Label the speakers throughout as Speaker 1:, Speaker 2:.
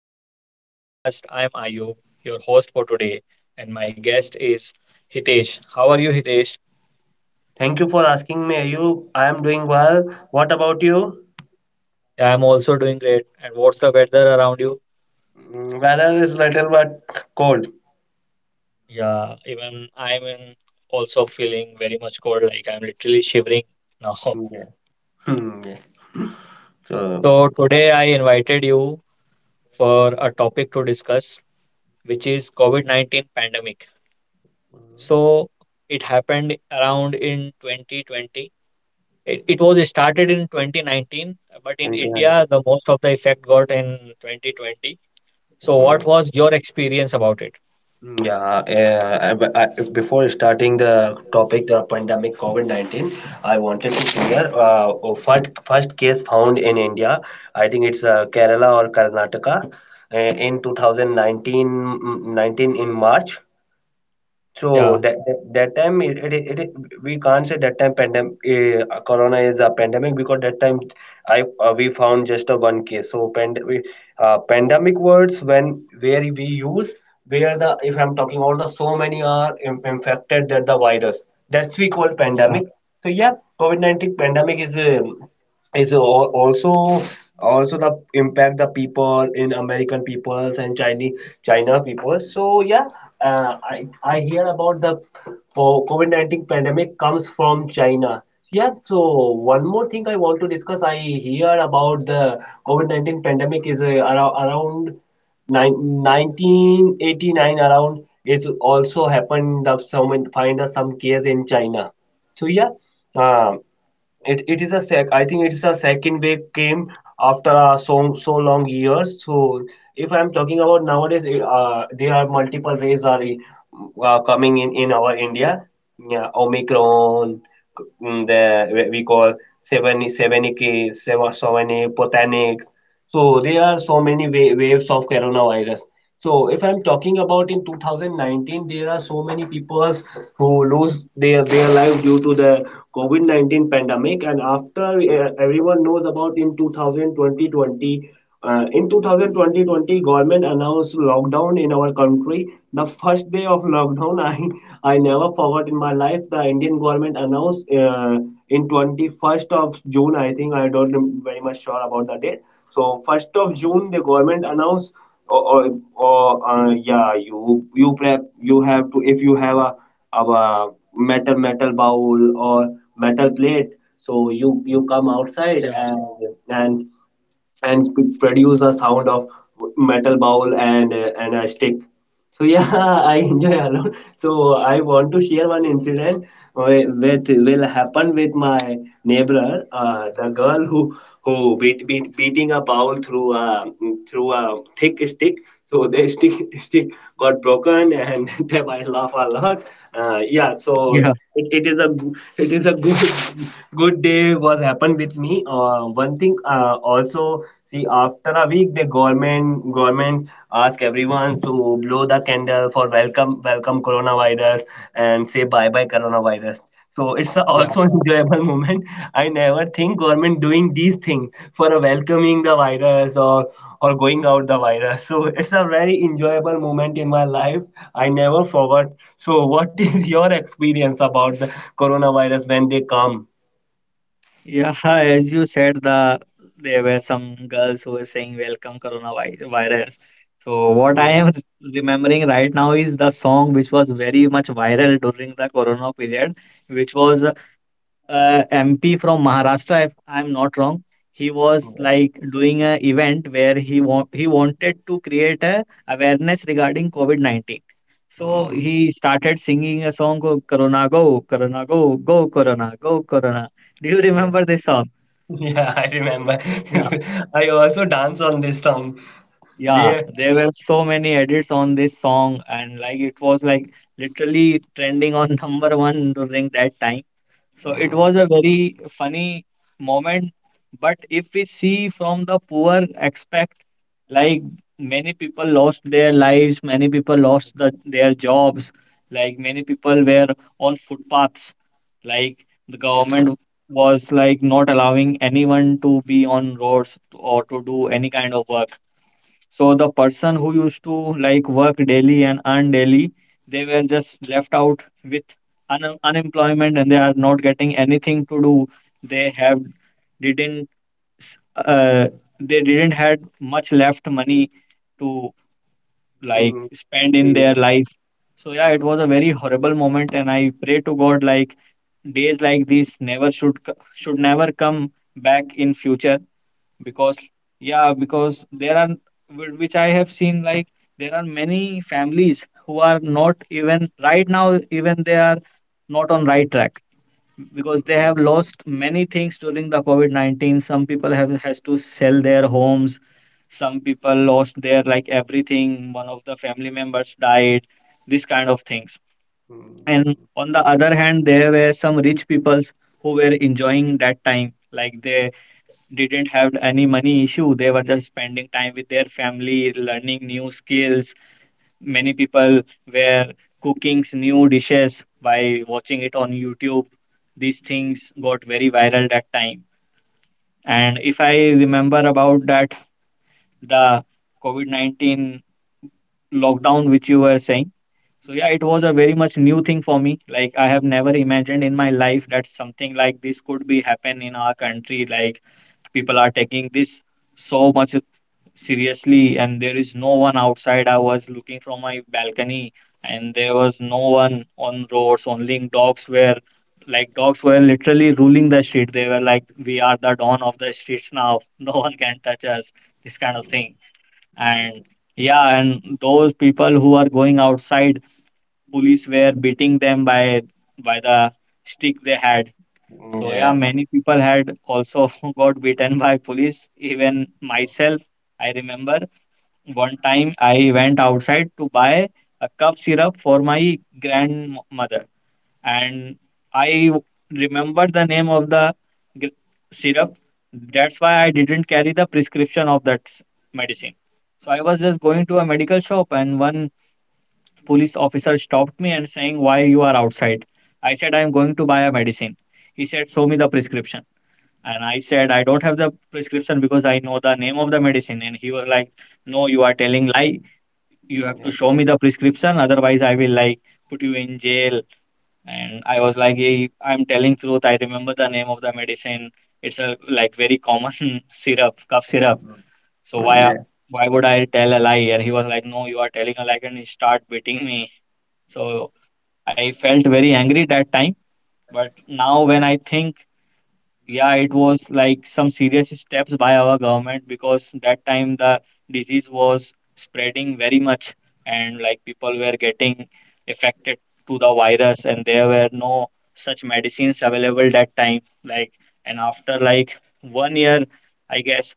Speaker 1: back to our podcast. I'm Ayub, your host for today, and my guest is Hitesh. How are you, Hitesh?
Speaker 2: Thank you for asking me, Ayub. I am doing well. What about you?
Speaker 1: Yeah, I'm also doing great. And what's the weather around you?
Speaker 2: Weather is little but cold.
Speaker 1: Yeah, even I'm in also feeling very much cold, like I'm literally shivering now.
Speaker 2: Yeah. Hmm, yeah. So,
Speaker 1: So today I invited you for a topic to discuss, which is COVID-19 pandemic. So it happened around in 2020. It was started in 2019, but in
Speaker 2: thank you. Thank
Speaker 1: India,
Speaker 2: you.
Speaker 1: the most of the effect got in 2020. So, what
Speaker 2: Mm,
Speaker 1: was your experience about it?
Speaker 2: Yeah, before starting the topic, the pandemic COVID-19, I wanted to share first case found in India. I think it's Kerala or Karnataka in 2019, 19 in March. So
Speaker 1: Yeah.
Speaker 2: that time we can't say that time pandemic corona is a pandemic, because that time I we found just a one case. So pandemic words when where we use where the if I'm talking about the so many are infected that the virus, that's we call
Speaker 1: Yeah,
Speaker 2: pandemic, so yeah, COVID-19 pandemic is a is al- also also the impact the people in American peoples and chinese China peoples. So yeah, I hear about the COVID-19 pandemic comes from China. Yeah, so one more thing I want to discuss. I hear about the COVID-19 pandemic is around 1989 around. It's also happened that someone find some case in China. So yeah, um, it it is a sec. I think it's a second wave came after so long years. So if I'm talking about nowadays, there are multiple waves are coming in our India. Yeah, Omicron, the we call seven seven seven, seven, seven, botanic. So there are so many waves of coronavirus. So if I'm talking about in 2019, there are so many people who lose their life due to the COVID-19 pandemic. And after everyone knows about in 2020, in 2020, government announced lockdown in our country. The first day of lockdown, I never forgot in my life. The Indian government announced in 21st of June. I think I don't very much sure about the date. So first of June, the government announced, or, or, or yeah, you have to if you have a metal bowl or metal plate, so you
Speaker 1: yeah,
Speaker 2: you come outside and and produce the sound of metal bowl and a stick. So yeah, I enjoy a lot. So I want to share one incident with will happen with my neighbor, the girl who beating a bowl through a thick stick. So the stick stick got broken, and then I laugh a lot. Yeah, so
Speaker 1: yeah,
Speaker 2: it is a good good day was happened with me, one thing, also see after a week the government ask everyone to blow the candle for welcome coronavirus and say bye bye coronavirus, so it's a
Speaker 1: yeah.
Speaker 2: also an enjoyable moment. I never think government doing these things for a welcoming the virus, or going out the virus. So it's a very enjoyable moment in my life. I never forgot. So what is your experience about the coronavirus when they come?
Speaker 1: Yeah. as you said, there were some girls who were saying, "Welcome coronavirus." So what I
Speaker 2: Yeah,
Speaker 1: am remembering right now is the song which was very much viral during the corona period, which was
Speaker 2: yeah,
Speaker 1: MP from Maharashtra, if I'm not wrong. He was
Speaker 2: yeah.
Speaker 1: like doing a event where he wanted to create a awareness regarding COVID-19. So
Speaker 2: Mm,
Speaker 1: he started singing a song, "Go Corona Go, Corona Go, Go Corona, Go Corona." Do you
Speaker 2: yeah,
Speaker 1: remember this song?
Speaker 2: yeah, I remember.
Speaker 1: Yeah.
Speaker 2: I also dance on this song.
Speaker 1: Yeah,
Speaker 2: There.
Speaker 1: there were so many edits on this song, and like it was like literally trending on number one during that time. So it
Speaker 2: Mm,
Speaker 1: was a very funny moment. But if we see from the poor aspect, like many people lost their lives, many people lost their jobs, like many people were on footpaths, like the government was like not allowing anyone to be on roads or to do any kind of work. So the person who used to like work daily and earn daily, they were just left out with unemployment and they are not getting anything to do. They have didn't s- uh, they didn't had much left money to like
Speaker 2: mm,
Speaker 1: spend in
Speaker 2: yeah.
Speaker 1: their life. So yeah, it
Speaker 2: Mm,
Speaker 1: was a very horrible moment, and I pray to God like days like this never should co- should never come back in future. Because yeah because there are which I have seen, like there are many families who are not even right now, even they are not on right track because they have lost many things during the COVID-19. Some people have has to sell their homes, some people lost their like everything, one of the family members died, this kind of things. And
Speaker 2: mm,
Speaker 1: on the other hand there were some rich people who were enjoying that time, like they didn't have any money issue. They were just spending time with their family, learning new skills. Many people were cooking new dishes by watching it on YouTube. These things got very viral that time. And if I remember about that, the COVID 19 lockdown, which you were saying, so yeah, it was a very much new thing for me. Like I have never imagined in my life that something like this could be happen in our country. Like people are taking this so much seriously, and there is no one outside. I was looking from my balcony and there was no one on roads, only dogs were literally ruling the street. They were like, we are the dawn of the streets now, no one can touch us, this kind of thing. And
Speaker 2: mm,
Speaker 1: yeah, and those people who are going outside, police were beating them by the stick they had.
Speaker 2: mm,
Speaker 1: So
Speaker 2: yeah.
Speaker 1: yeah, many people had also got beaten by police, even myself. I remember one time I went outside to buy a cup syrup for my grandmother, and I remembered the name of the gr- syrup. That's why I didn't carry the prescription of that medicine. So I was just going to a medical shop, and one police officer stopped me and saying, "Why you are outside?" I said, "I am going to buy a medicine." He said, "Show me the prescription." And I said, "I don't have the prescription because I know the name of the medicine." And he was like, "No, you are telling lie, you have to show me the prescription, otherwise I will like put you in jail." And I was like, "Hey, I'm telling truth, I remember the name of the medicine, it's a like very common syrup, cough syrup, so why
Speaker 2: Mm, yeah.
Speaker 1: why would I tell a lie?" And he was like, "No, you are telling a lie," and he start beating me. So I felt very angry that time, but now when I think, yeah, it was like some serious steps by our government, because that time the disease was spreading very much, and like people were getting affected to the virus, and there were no such medicines available that time, like. And after like 1 year, I guess,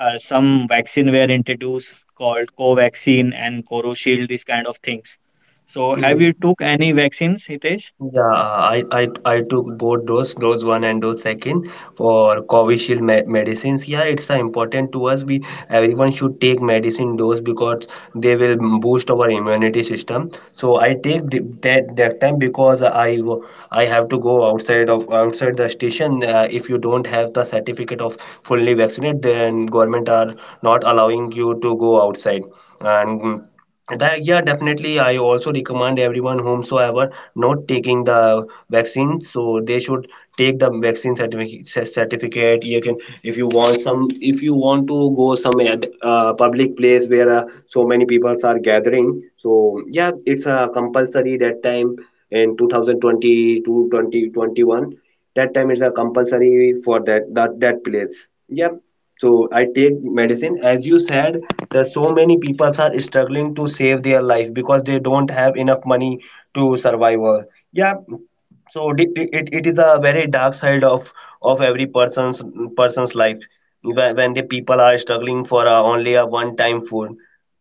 Speaker 1: some vaccine were introduced called co and coroshield, these kind of things. So have
Speaker 2: Mm,
Speaker 1: you took any vaccines, Hitesh?
Speaker 2: yeah, I, I I took both dose one and dose second for Covishield me medicines. Yeah, it's important to us. We Everyone should take medicine dose because they will boost our immunity system. So I take that time because I have to go outside the station. If you don't have the certificate of fully vaccinated, then government are not allowing you to go outside and. That, yeah, definitely. I also recommend everyone whomsoever not taking the vaccine, so they should take the vaccine certificate. You can, if you want to go some public place where so many people are gathering. So yeah, it's compulsory that time in 2020 to 2021, that time is a compulsory for that place, yeah. So I take medicine, as you said that so many people are struggling to save their life because they don't have enough money to survive. Yeah. So it is a very dark side of every person's life. When the people are struggling only a one time food,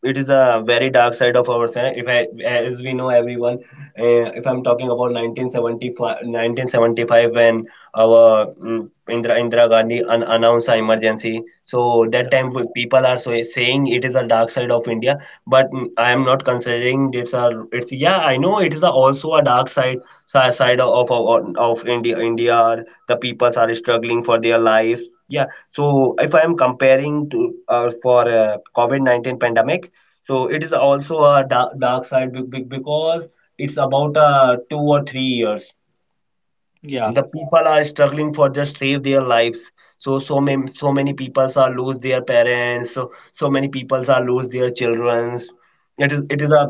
Speaker 2: it is a very dark side of our side. If I, As we know everyone, if I'm talking about 1975, 1975, when our Indira Gandhi announced an emergency. So that
Speaker 1: Yeah.
Speaker 2: time people are, saying it is a dark side of India, but I am not considering it's a it's yeah, I know it is a, also a dark side, side of India, the peoples are struggling for their lives, yeah. So if I am comparing to for COVID-19 pandemic, so it is also a dark, dark side, because it's about 2 or 3 years
Speaker 1: Yeah.
Speaker 2: the people are struggling for just save their lives. So so many people are lose their parents. So many people are lose their children. It is a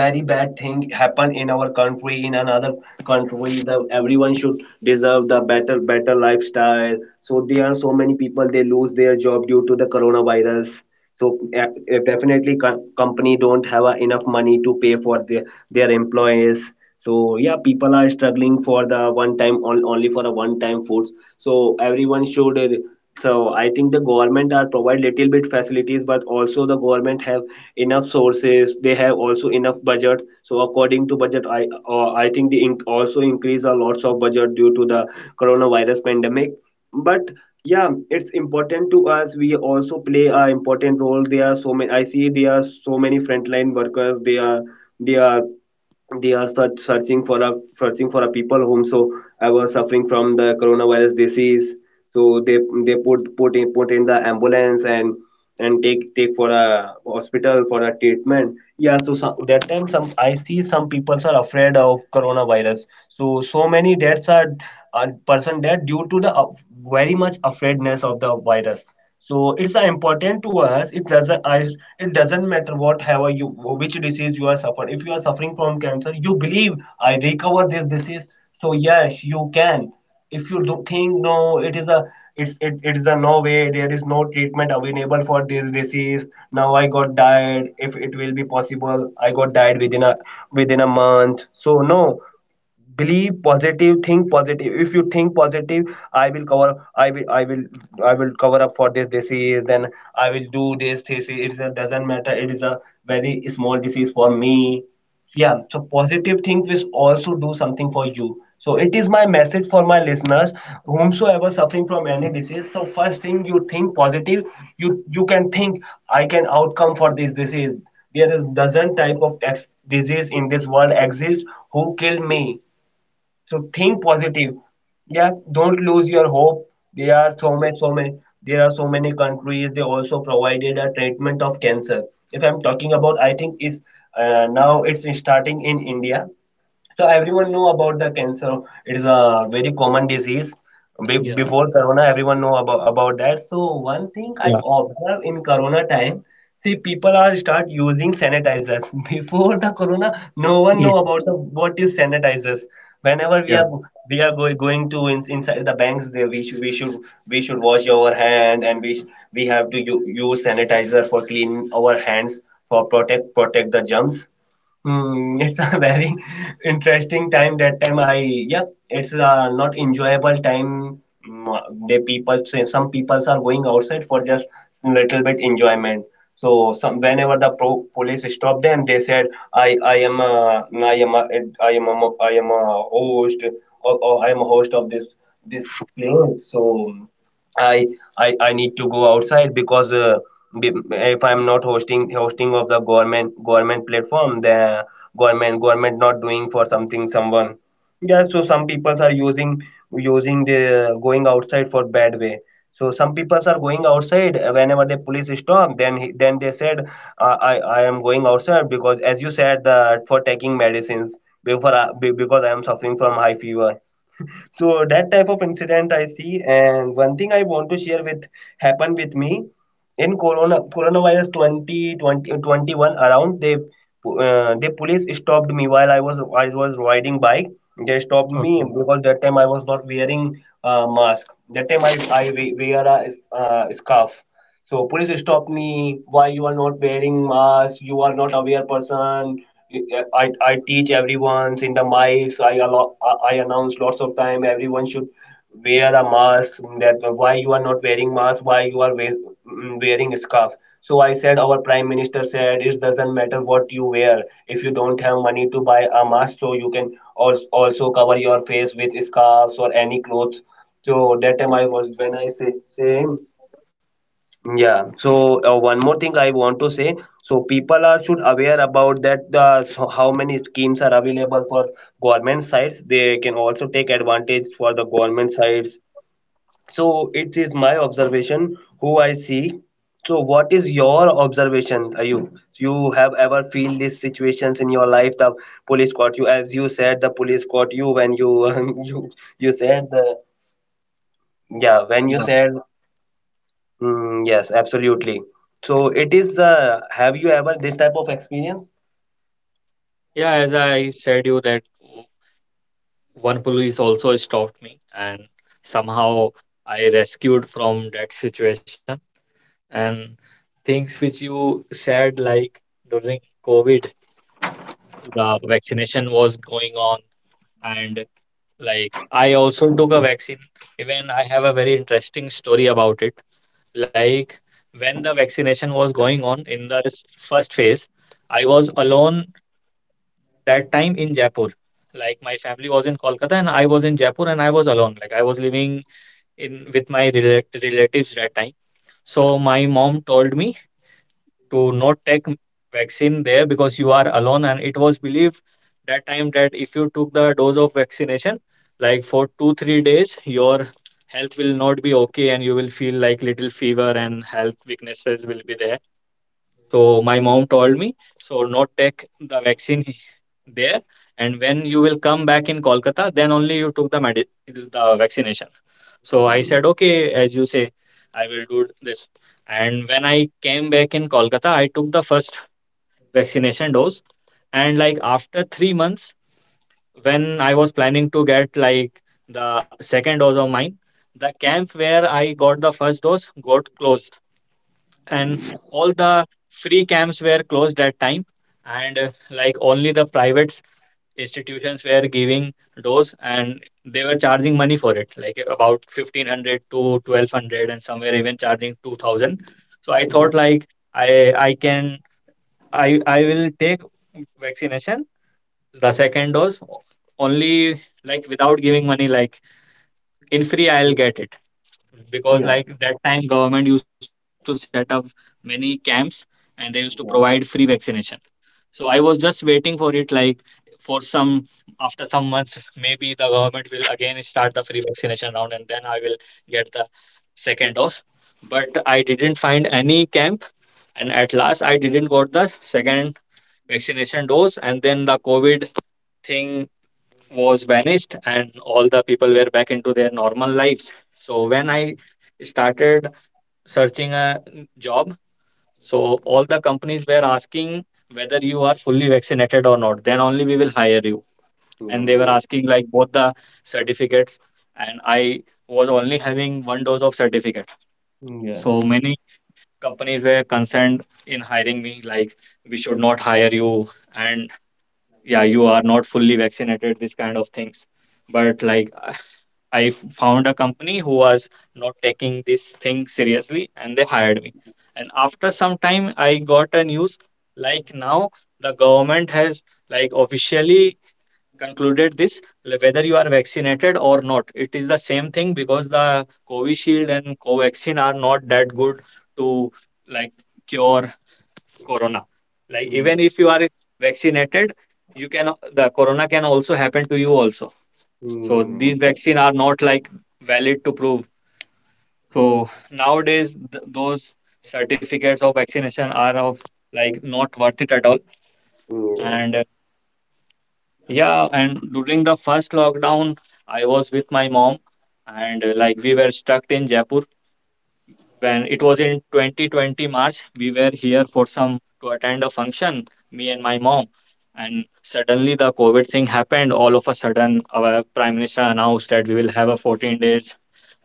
Speaker 2: very bad thing happen in our country, in another country. The everyone should deserve the better lifestyle. So there are so many people, they lose their job due to the coronavirus. So definitely, company don't have enough money to pay for their employees. So yeah, people are struggling for the one time on- only for a one time foods. So everyone should, so I think the government are provide little bit facilities, but also the government have enough sources, they have also enough budget. So according to budget, I think they also increase a lots of budget due to the coronavirus pandemic. But yeah, it's important to us, we also play a important role. There are so many I see there are so many frontline workers. They are they are searching for a people, whom so I was suffering from the coronavirus disease. So they put in the ambulance, and take for a hospital for a treatment, yeah. So that time, some I see some people are afraid of coronavirus. So so many deaths are, person dead due to the very much afraidness of the virus. So it's important to us. It doesn't matter what have you, which disease you are suffering. If you are suffering from cancer, you believe I recover this disease. So yes, you can. If you do think no, it is it is a no way, there is no treatment available for this disease now, I got died. If it will be possible, I got died within a month, so no. Believe positive, think positive. If you think positive, i will cover i will i will I will cover up for this disease. Then I will do this. It doesn't matter, it is a very small disease for me. Yeah, so positive think will also do something for you, so it is my message for my listeners, whomsoever suffering from any disease. So first thing, you think positive, you can think, I can outcome for this disease. There is dozen type of disease in this world exist, who kill me, so think positive. Yeah, don't lose your hope. There are so many, so many. There are so many countries. They also provided a treatment of cancer. If I'm talking about, I think is, now it's starting in India. So everyone know about the cancer. It is a very common disease.
Speaker 1: Yeah.
Speaker 2: Before Corona, everyone know about, that. So one thing I
Speaker 1: Yeah.
Speaker 2: observe in Corona time, see people are start using sanitizers. Before the Corona, no one know
Speaker 1: Yeah.
Speaker 2: about what is sanitizers. Whenever we
Speaker 1: Yeah.
Speaker 2: are, going inside the banks, there we should wash our hand, and we we have to use sanitizer for clean our hands, for protect the germs. It's a very interesting time. That time yeah, it's not enjoyable time. They People say some people are going outside for just little bit enjoyment. So some, whenever the police stopped them, they said, "I I am a I am a I am a host, or, I am a host of this place." So I I need to go outside because, if I'm not hosting of the government platform, the government not doing for something someone. Yeah, so some peoples are using the going outside for bad way. So some peoples are going outside whenever the police stop. Then they said I am going outside because as you said that for taking medicines because I am suffering from high fever. So that type of incident I see, and one thing I want to share with happened with me in coronavirus 20, twenty 21 around. They the police stopped me while I was riding bike. They stopped me
Speaker 1: Okay.
Speaker 2: because that time I was not wearing a mask. That time I wear a scarf. So police stop me. Why you are not wearing mask? You are not aware person. I teach everyone in the mics. I allow, I announce lots of time. Everyone should wear a mask. That why you are not wearing mask? Why you are wearing a scarf? So I said our prime minister said it doesn't matter what you wear. If you don't have money to buy a mask, so you can also cover your face with scarves or any clothes. So that time I was when I saying yeah. So one more thing I want to say. So people are should aware about that so how many schemes are available for government sites. They can also take advantage for the government sites. So it is my observation who I see. So what is your observation, Ayub? You have ever feel these situations in your life? The police caught you, as you said, the police caught you when you you you said the yeah when you said yes, absolutely. So it is. Have you ever this type of experience?
Speaker 1: Yeah, as I said you that one police also stopped me and somehow I rescued from that situation. And things which you said, like during COVID, the vaccination was going on, and like I also took a vaccine. Even I have a very interesting story about it. Like when the vaccination was going on in the first phase, I was alone that time in Jaipur. Like my family was in Kolkata and I was in Jaipur and I was alone. Like I was living in with my relatives that time. So my mom told me to not take vaccine there, because you are alone. And it was believed that time that if you took the dose of vaccination, like for 2-3 days, your health will not be okay and you will feel like little fever and health weaknesses will be there. So my mom told me so not take the vaccine there, and when you will come back in Kolkata, then only you took the the vaccination. So I said, okay, as you say, I will do this. And when I came back in Kolkata, I took the first vaccination dose. And like after 3 months, when I was planning to get like the second dose of mine, the camp where I got the first dose got closed, and all the free camps were closed that time. And like only the privates institutions were giving those, and they were charging money for it, like about 1500 to 1200, and somewhere even charging 2000. So I
Speaker 2: Yeah.
Speaker 1: thought like I can I will take vaccination the second dose only, like without giving money, like in free I'll get it, because
Speaker 2: Yeah.
Speaker 1: like that time government used to set up many camps and they used to
Speaker 2: Yeah.
Speaker 1: provide free vaccination. So I was just waiting for it, like for some after some months, maybe the government will again start the free vaccination round, and then I will get the second dose. But I didn't find any camp, and at last I didn't got the second vaccination dose. And then the COVID thing was vanished, and all the people were back into their normal lives. So when I started searching a job, so all the companies were asking whether you are fully vaccinated or not. Then only we will hire you. And they were asking like both the certificates. And I was only having one dose of certificate. So many companies were concerned in hiring me, like we should not hire you. And yeah, you are not fully vaccinated, this kind of things. But like I found a company who was not taking this thing seriously, and they hired me. And after some time, I got a news, like now the government has like officially concluded this, whether you are vaccinated or not, it is the same thing, because the Covishield and Covaxin are not that good to like cure corona. Like
Speaker 2: Yeah.
Speaker 1: even if you are vaccinated, you can the corona can also happen to you also, so these
Speaker 2: Yeah.
Speaker 1: vaccine are not like valid to prove. So nowadays those certificates of vaccination are of like not worth it at all.
Speaker 2: Yeah.
Speaker 1: And yeah, and during the first lockdown, I was with my mom, and like we were stuck in Jaipur when it was in 2020 March. We were here for some to attend a function, me and my mom. And suddenly the COVID thing happened. All of a sudden, our prime minister announced that we will have a 14 days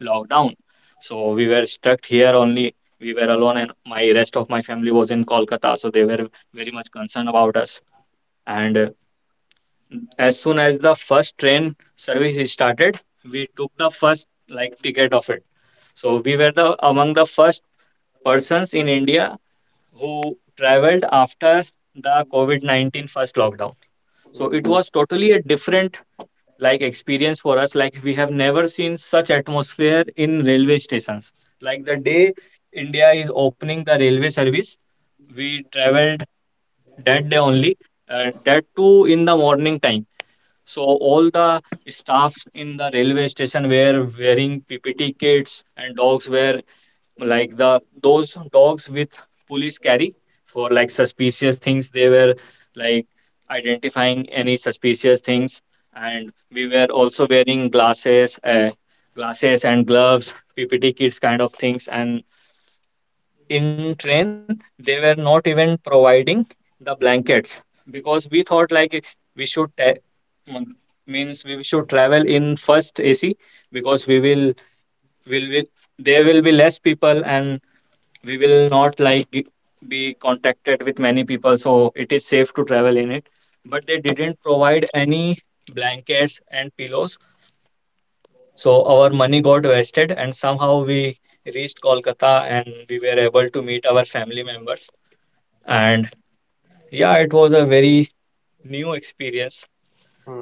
Speaker 1: lockdown. So we were stuck here only. We were alone, and my rest of my family was in Kolkata, so they were very much concerned about us. And as soon as the first train service started, we took the first like ticket of it. So we were the among the first persons in India who traveled after the COVID 19 first lockdown. So it was totally a different experience for us. Like we have never seen such atmosphere in railway stations. Like the day India is opening the railway service, we traveled that day only, that too in the morning time. So all the staffs in the railway station were wearing PPT kits, and dogs were like the those dogs with police carry for like suspicious things. They were like identifying any suspicious things, and we were also wearing glasses, glasses and gloves, PPT kits kind of things, and in train they were not even providing the blankets. Because we thought like we should mm, means we should travel in first AC because we will there will be less people, and we will not be contacted with many people, so it is safe to travel in it. But they didn't provide any blankets and pillows, so our money got wasted, and somehow we reached Kolkata and we were able to meet our family members. And yeah, it was a very new experience.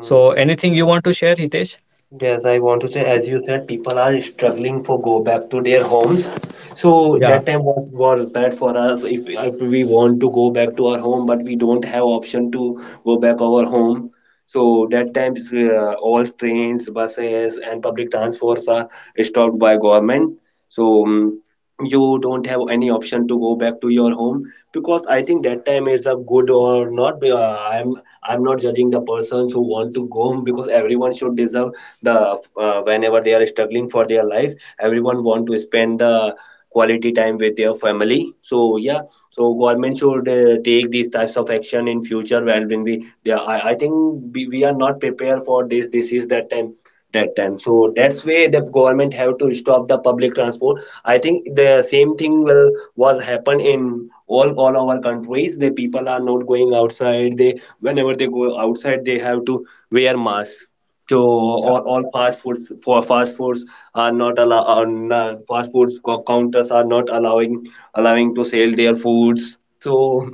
Speaker 1: So anything you want to share, Hitesh?
Speaker 2: Yes, I want to say, as you said, people are struggling for go back to their homes. So that
Speaker 1: Yeah,
Speaker 2: time was bad for us if we want to go back to our home, but we don't have option to go back our home. So that time all trains, buses, and public transports are stopped by government. So you don't have any option to go back to your home because I think that time is a good or not. I'm not judging the persons who want to go home because everyone should deserve the whenever they are struggling for their life. Everyone want to spend the quality time with their family, so yeah. So government should take these types of action in future when we they are, I think we are not prepared for this. This is that time, that time. So that's why the government have to stop the public transport. I think the same thing will was happen in all our countries. The people are not going outside. They whenever they go outside they have to wear masks to all,
Speaker 1: yeah,
Speaker 2: fast foods. For fast foods counters are not allowing to sell their foods. So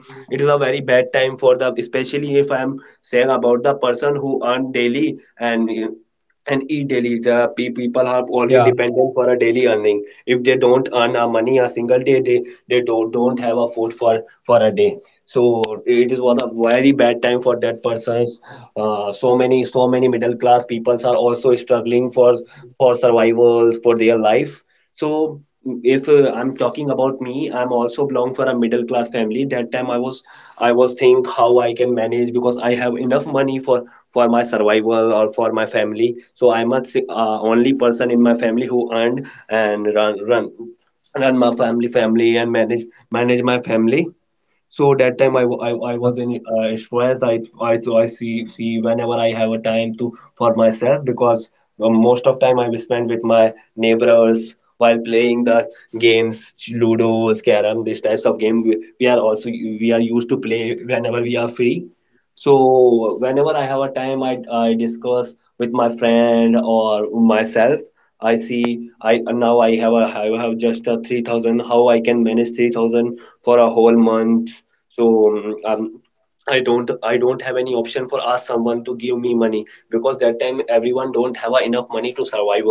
Speaker 2: it is a very bad time for the, especially if I am saying about the person who earn daily and eat daily. The people are already
Speaker 1: yeah,
Speaker 2: dependent for a daily earning. If they don't earn a money a single day, they don't, have a food for a day. So it is was a very bad time for that persons. So many middle class peoples are also struggling for survivals for their life. So if I'm talking about me, I'm also belong for a middle class family. That time I was think how I can manage because I have enough money for my survival or for my family. So I'm a only person in my family who earned and run run my family and manage my family. So that time I
Speaker 1: yeah,
Speaker 2: was in stress. I So I see whenever I have a time to for myself. Because most of time I will spend with my neighbors while playing the games, ludo, scaram. These types of game we are also we are used to play whenever we are free. So whenever I have a time, I discuss with my friend or myself. I see I now I have just a 3,000. How I can manage 3,000 for a whole month? So um, I don't have any option for ask someone to give me money, because that time everyone don't have a enough money to survive.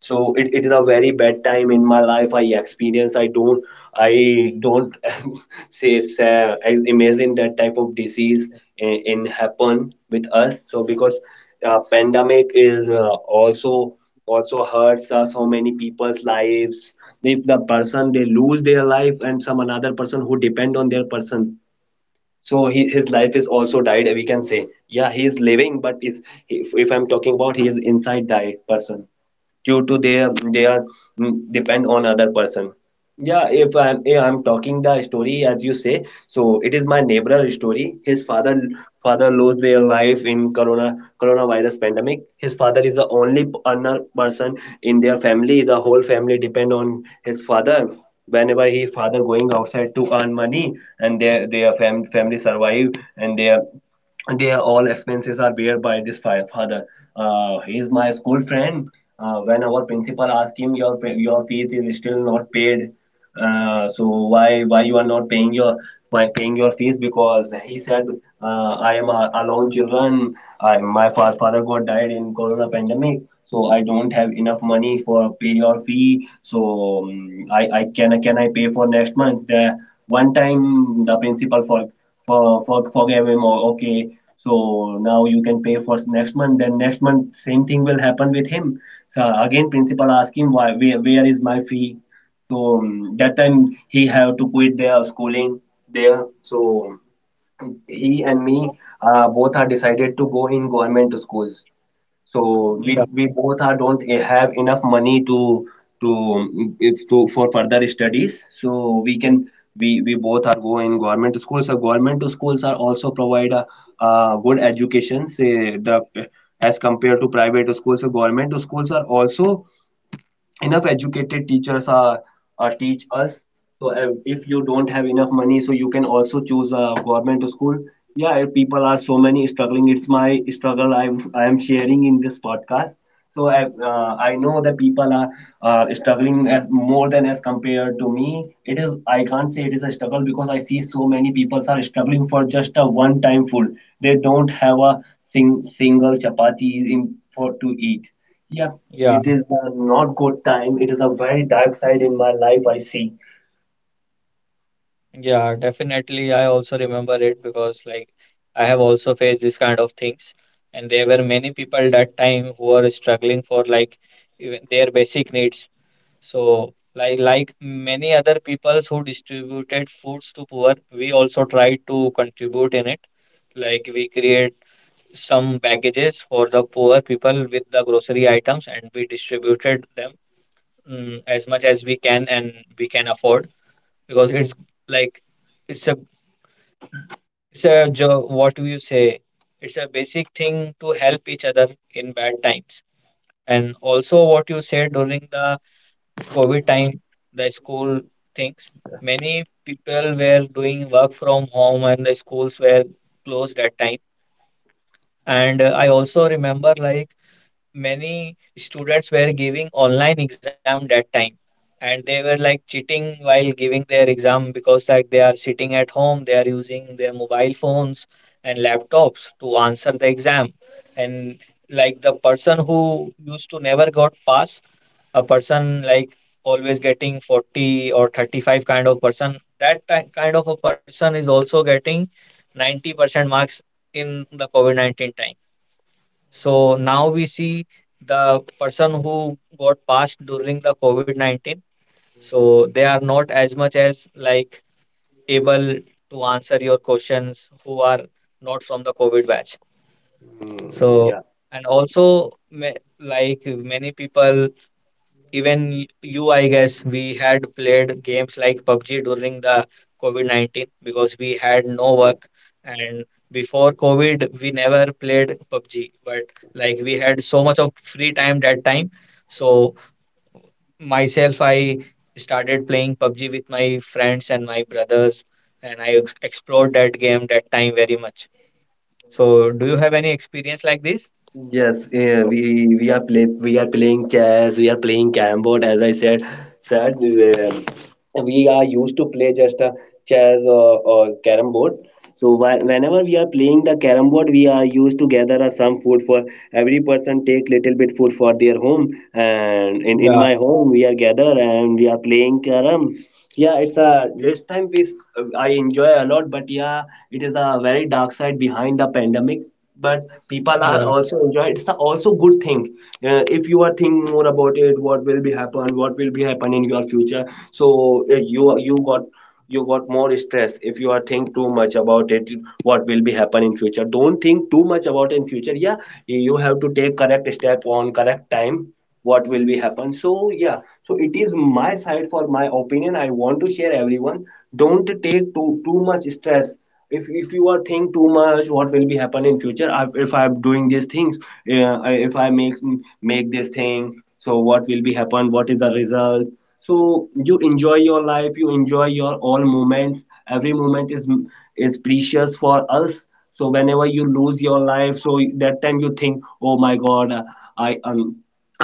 Speaker 2: So it is a very bad time in my life I experience. I don't say imagine that type of disease in happen with us. So because pandemic is also hurts so many people's lives. If the person they lose their life, and some another person who depend on their person, so his life is also died, we can say. Yeah, he is living but is if I'm talking about he is inside that person due to their they are depend on other person. Yeah, if I'm talking the story as you say, so it is my neighbor story. His father lost their life in coronavirus pandemic. His father is the only earner person in their family. The whole family depend on his father. Whenever he father going outside to earn money, and their family survive and their they are all expenses are bear by this father. He is my school friend. When our principal asked him, your your fees is still not paid. So why you are not paying your why paying your fees? Because he said, I am a alone children. I my father got died in corona pandemic. So I don't have enough money for pay your fee. So I can I pay for next month? The one time the principal for forgive him, or okay, so now you can pay for next month. Then next month same thing will happen with him. So again principal ask him why where is my fee. So that time he have to quit their schooling there. So he and me both are decided to go in government schools. So
Speaker 1: yeah,
Speaker 2: we both are don't have enough money to if to for further studies. So we both are go in government schools. So government schools are also provide a good education, say, the as compared to private schools. So government schools are also enough educated teachers teach us. So if you don't have enough money, so you can also choose a government school. Yeah, people are so many struggling. It's my struggle, I am sharing in this podcast. So I know that people are struggling as more than as compared to me. It is I can't say it is a struggle, because I see so many people are struggling for just a one time food. They don't have a single chapati in for to eat. Yeah,
Speaker 1: yeah,
Speaker 2: it is a not good time. It is a very dark side in my life I see.
Speaker 1: yeah. Definitely, I also remember it because like I have also faced this kind of things, and there were many people that time who are struggling for like even their basic needs. So like many other peoples who distributed foods to poor, we also tried to contribute in it. Like we create some packages for the poor people with the grocery items, and we distributed them, mm, as much as we can and we can afford, because it's like it's a what do you say, it's a basic thing to help each other in bad times. And also what you said during the COVID time, the school things, many people were doing work from home and the schools were closed at time. And I also remember like many students were giving online exam that time, and they were like cheating while giving their exam because like they are sitting at home, they are using their mobile phones and laptops to answer the exam. And like the person who used to never got pass, a person like always getting 40 or 35 kind of kind of a person is also getting 90% marks in the covid-19 time. So now we see the person who got passed during the COVID-19. So they are not as much as like able to answer your questions who are not from the COVID batch. So
Speaker 2: Yeah.
Speaker 1: and also like many people, even you, I guess, we had played games like PUBG during the COVID-19 because we had no work. And before COVID, we never played PUBG, but like we had so much of free time that time. So myself, I started playing PUBG with my friends and my brothers, and I explored that game that time very much. So, do you have any experience like this?
Speaker 2: Yes, we are playing chess, we are playing Cambot, as I said, said eh, we are used to play just a chess or carom board. So whenever we are playing the carom board, we are used to gather some food for every person, take little bit food for their home, and in
Speaker 1: Yeah,
Speaker 2: my home we are gather and we are playing carom. Yeah, it's a this time I enjoy a lot. But yeah, it is a very dark side behind the pandemic. But people are
Speaker 1: yeah,
Speaker 2: also enjoy, it's a also good thing. If you are thinking more about it, what will be happen, in your future, so you got more stress if you are think too much about it. What will be happen in future, don't think too much about in future. Yeah, you have to take correct step on correct time, what will be happen. So yeah, so it is my side for my opinion I want to share everyone, don't take too much stress. If you are think too much what will be happen in future, if I'm doing these things, uh, if I make this thing, so what will be happen, what is the result. So you enjoy your life, you enjoy your all moments. Every moment is precious for us. So whenever you lose your life, so that time you think, oh my god, I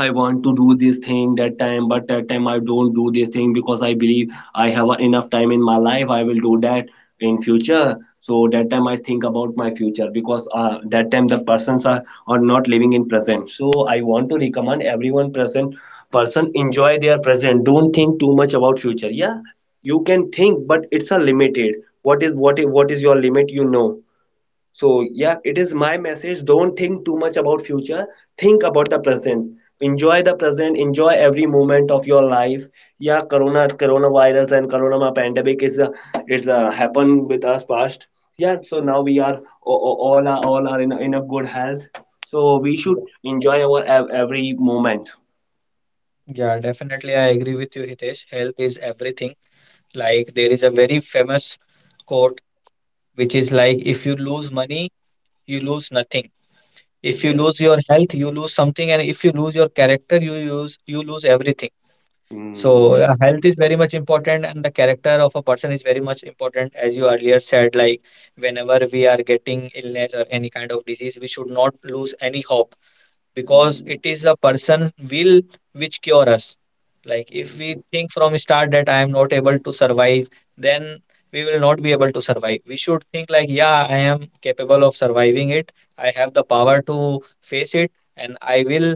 Speaker 2: I want to do this thing that time, but that time I don't do this thing because I believe I have enough time in my life, I will do that in future. So that time I think about my future, because that time the persons are not living in present. So I want to recommend everyone present person enjoy their present, don't think too much about future. Yeah, you can think, but it's a limited. What what is your limit, you know. So yeah, it is my message, don't think too much about future. Think about the present, enjoy the present, enjoy every moment of your life. Yeah, coronavirus and corona pandemic is a, it's a happened with us past. Yeah, so now we are all are in a good health. So we should
Speaker 1: yeah,
Speaker 2: enjoy our every moment.
Speaker 1: yeah, definitely. I agree with you, Hitesh. Health is everything. Like there is a very famous quote which is like if you lose money, you lose nothing. If you lose your health, you lose something, and if you lose your character, you use you lose everything. So health is very much important, and the character of a person is very much important, as you earlier said. Like whenever we are getting illness or any kind of disease, we should not lose any hope because it is the person will which cure us. Like if we think from start that I am not able to survive, then we will not be able to survive. We should think like yeah, I am capable of surviving it. I have the power to face it, and I will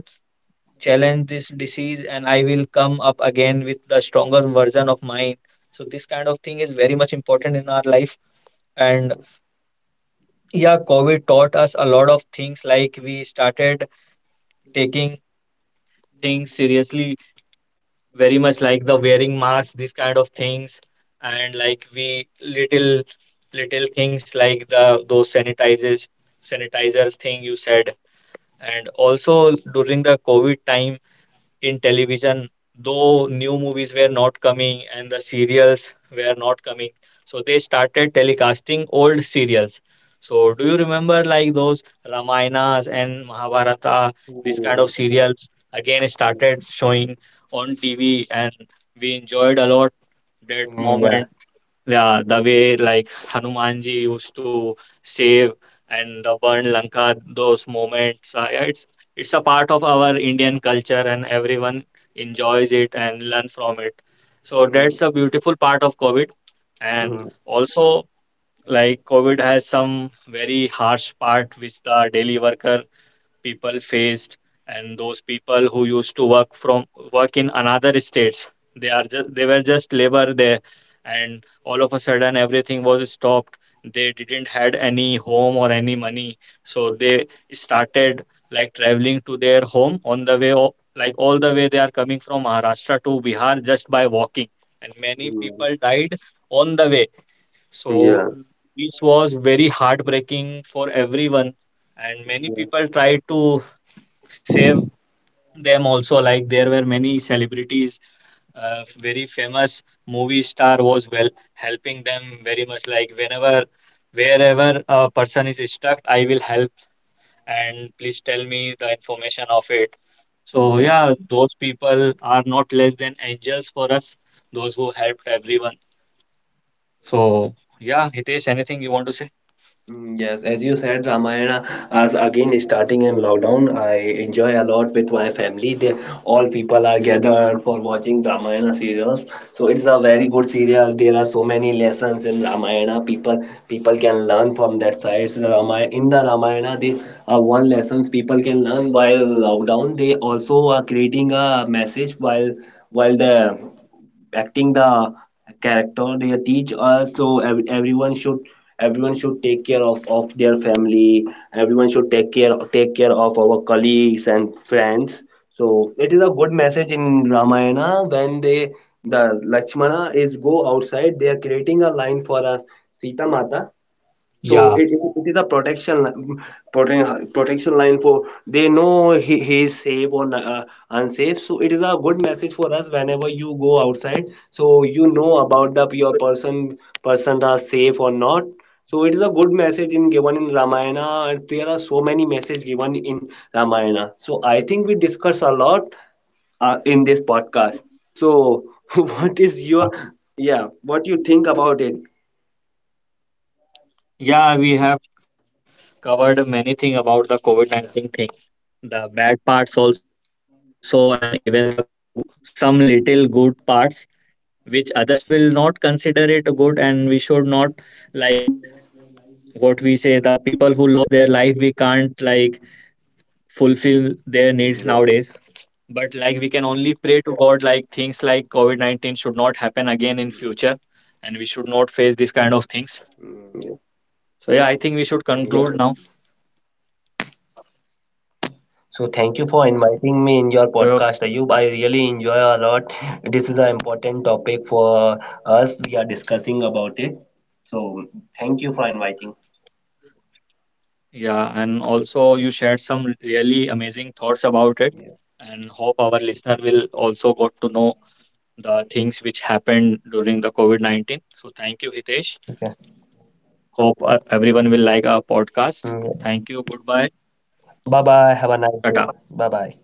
Speaker 1: challenge this disease, and I will come up again with the stronger version of mine. So this kind of thing is very much important in our life. And yeah, COVID taught us a lot of things. Like we started taking things seriously very much, like the wearing masks, these kind of things, and like we little things like the those sanitizers, thing you said. And also during the COVID time, in television, though new movies were not coming and the serials were not coming. So they started telecasting old serials. So do you remember like those Ramayanas and Mahabharata, this kind of serials again started showing on TV, and we enjoyed a lot that moment. Yeah, the way like Hanumanji used to save and the burn Lanka, those moments. Yeah, it's a part of our Indian culture, and everyone enjoys it and learn from it. So that's a beautiful part of COVID. And also, like COVID has some very harsh part which the daily worker people faced. And those people who used to work from work in another states, they are just they were just labor there, and all of a sudden everything was stopped. They didn't had any home or any money, so they started like traveling to their home on the way like all the way they are coming from Maharashtra to Bihar just by walking. And many people died on the way. So this was very heartbreaking for everyone, and many people tried to save them also. Like there were many celebrities, very famous movie star was well helping them very much, like whenever wherever a person is stuck, I will help, and please tell me the information of it. So
Speaker 2: Yeah.
Speaker 1: yeah, those people are not less than angels for us, those who helped everyone. So yeah, Hitesh, anything you want to say?
Speaker 2: Yes, as you said, Ramayana, as again starting in lockdown, I enjoy a lot with my family. They all people are gathered for watching Ramayana serials. So it's a very good serial. There are so many lessons in Ramayana. People can learn from that side. So the Ramayana, they are one lessons people can learn while lockdown. They also are creating a message while the acting the character, they teach us. So everyone should take care of their family. Everyone should take care, of our colleagues and friends. So it is a good message in Ramayana, when they the Lakshmana is go outside, they are creating a line for us, Sita Mata. So
Speaker 1: yeah
Speaker 2: it is a protection line for they know he is safe or unsafe. So it is a good message for us whenever you go outside. So you know about the your person are safe or not. So it is a good message in given in Ramayana, and there are so many messages given in Ramayana. So I think we discuss a lot in this podcast. So what is your yeah? What you think about it?
Speaker 1: yeah, we have covered many thing about the covid-19
Speaker 2: Yeah.
Speaker 1: thing, the bad parts also and even some little good parts which others will not consider it good. And we should not like what we say, the people who lost their life, we can't like fulfill their needs nowadays. But like we can only pray to god like things like covid-19 should not happen again in future, and we should not face these kind of things. So yeah, I think we should conclude now.
Speaker 2: So thank you for inviting me in your
Speaker 1: So
Speaker 2: podcast, Ayub. I really enjoy a lot. This is an important topic for us. We are discussing about it. So thank you for inviting.
Speaker 1: yeah, and also you shared some really amazing thoughts about it,
Speaker 2: Yeah.
Speaker 1: and hope our listener will also got to know the things which happened during the COVID-19. So thank you, Hitesh.
Speaker 2: Okay.
Speaker 1: Hope everyone will like our podcast. Thank you. Goodbye.
Speaker 2: Bye bye. Have a nice day.
Speaker 1: Tata.
Speaker 2: Bye bye.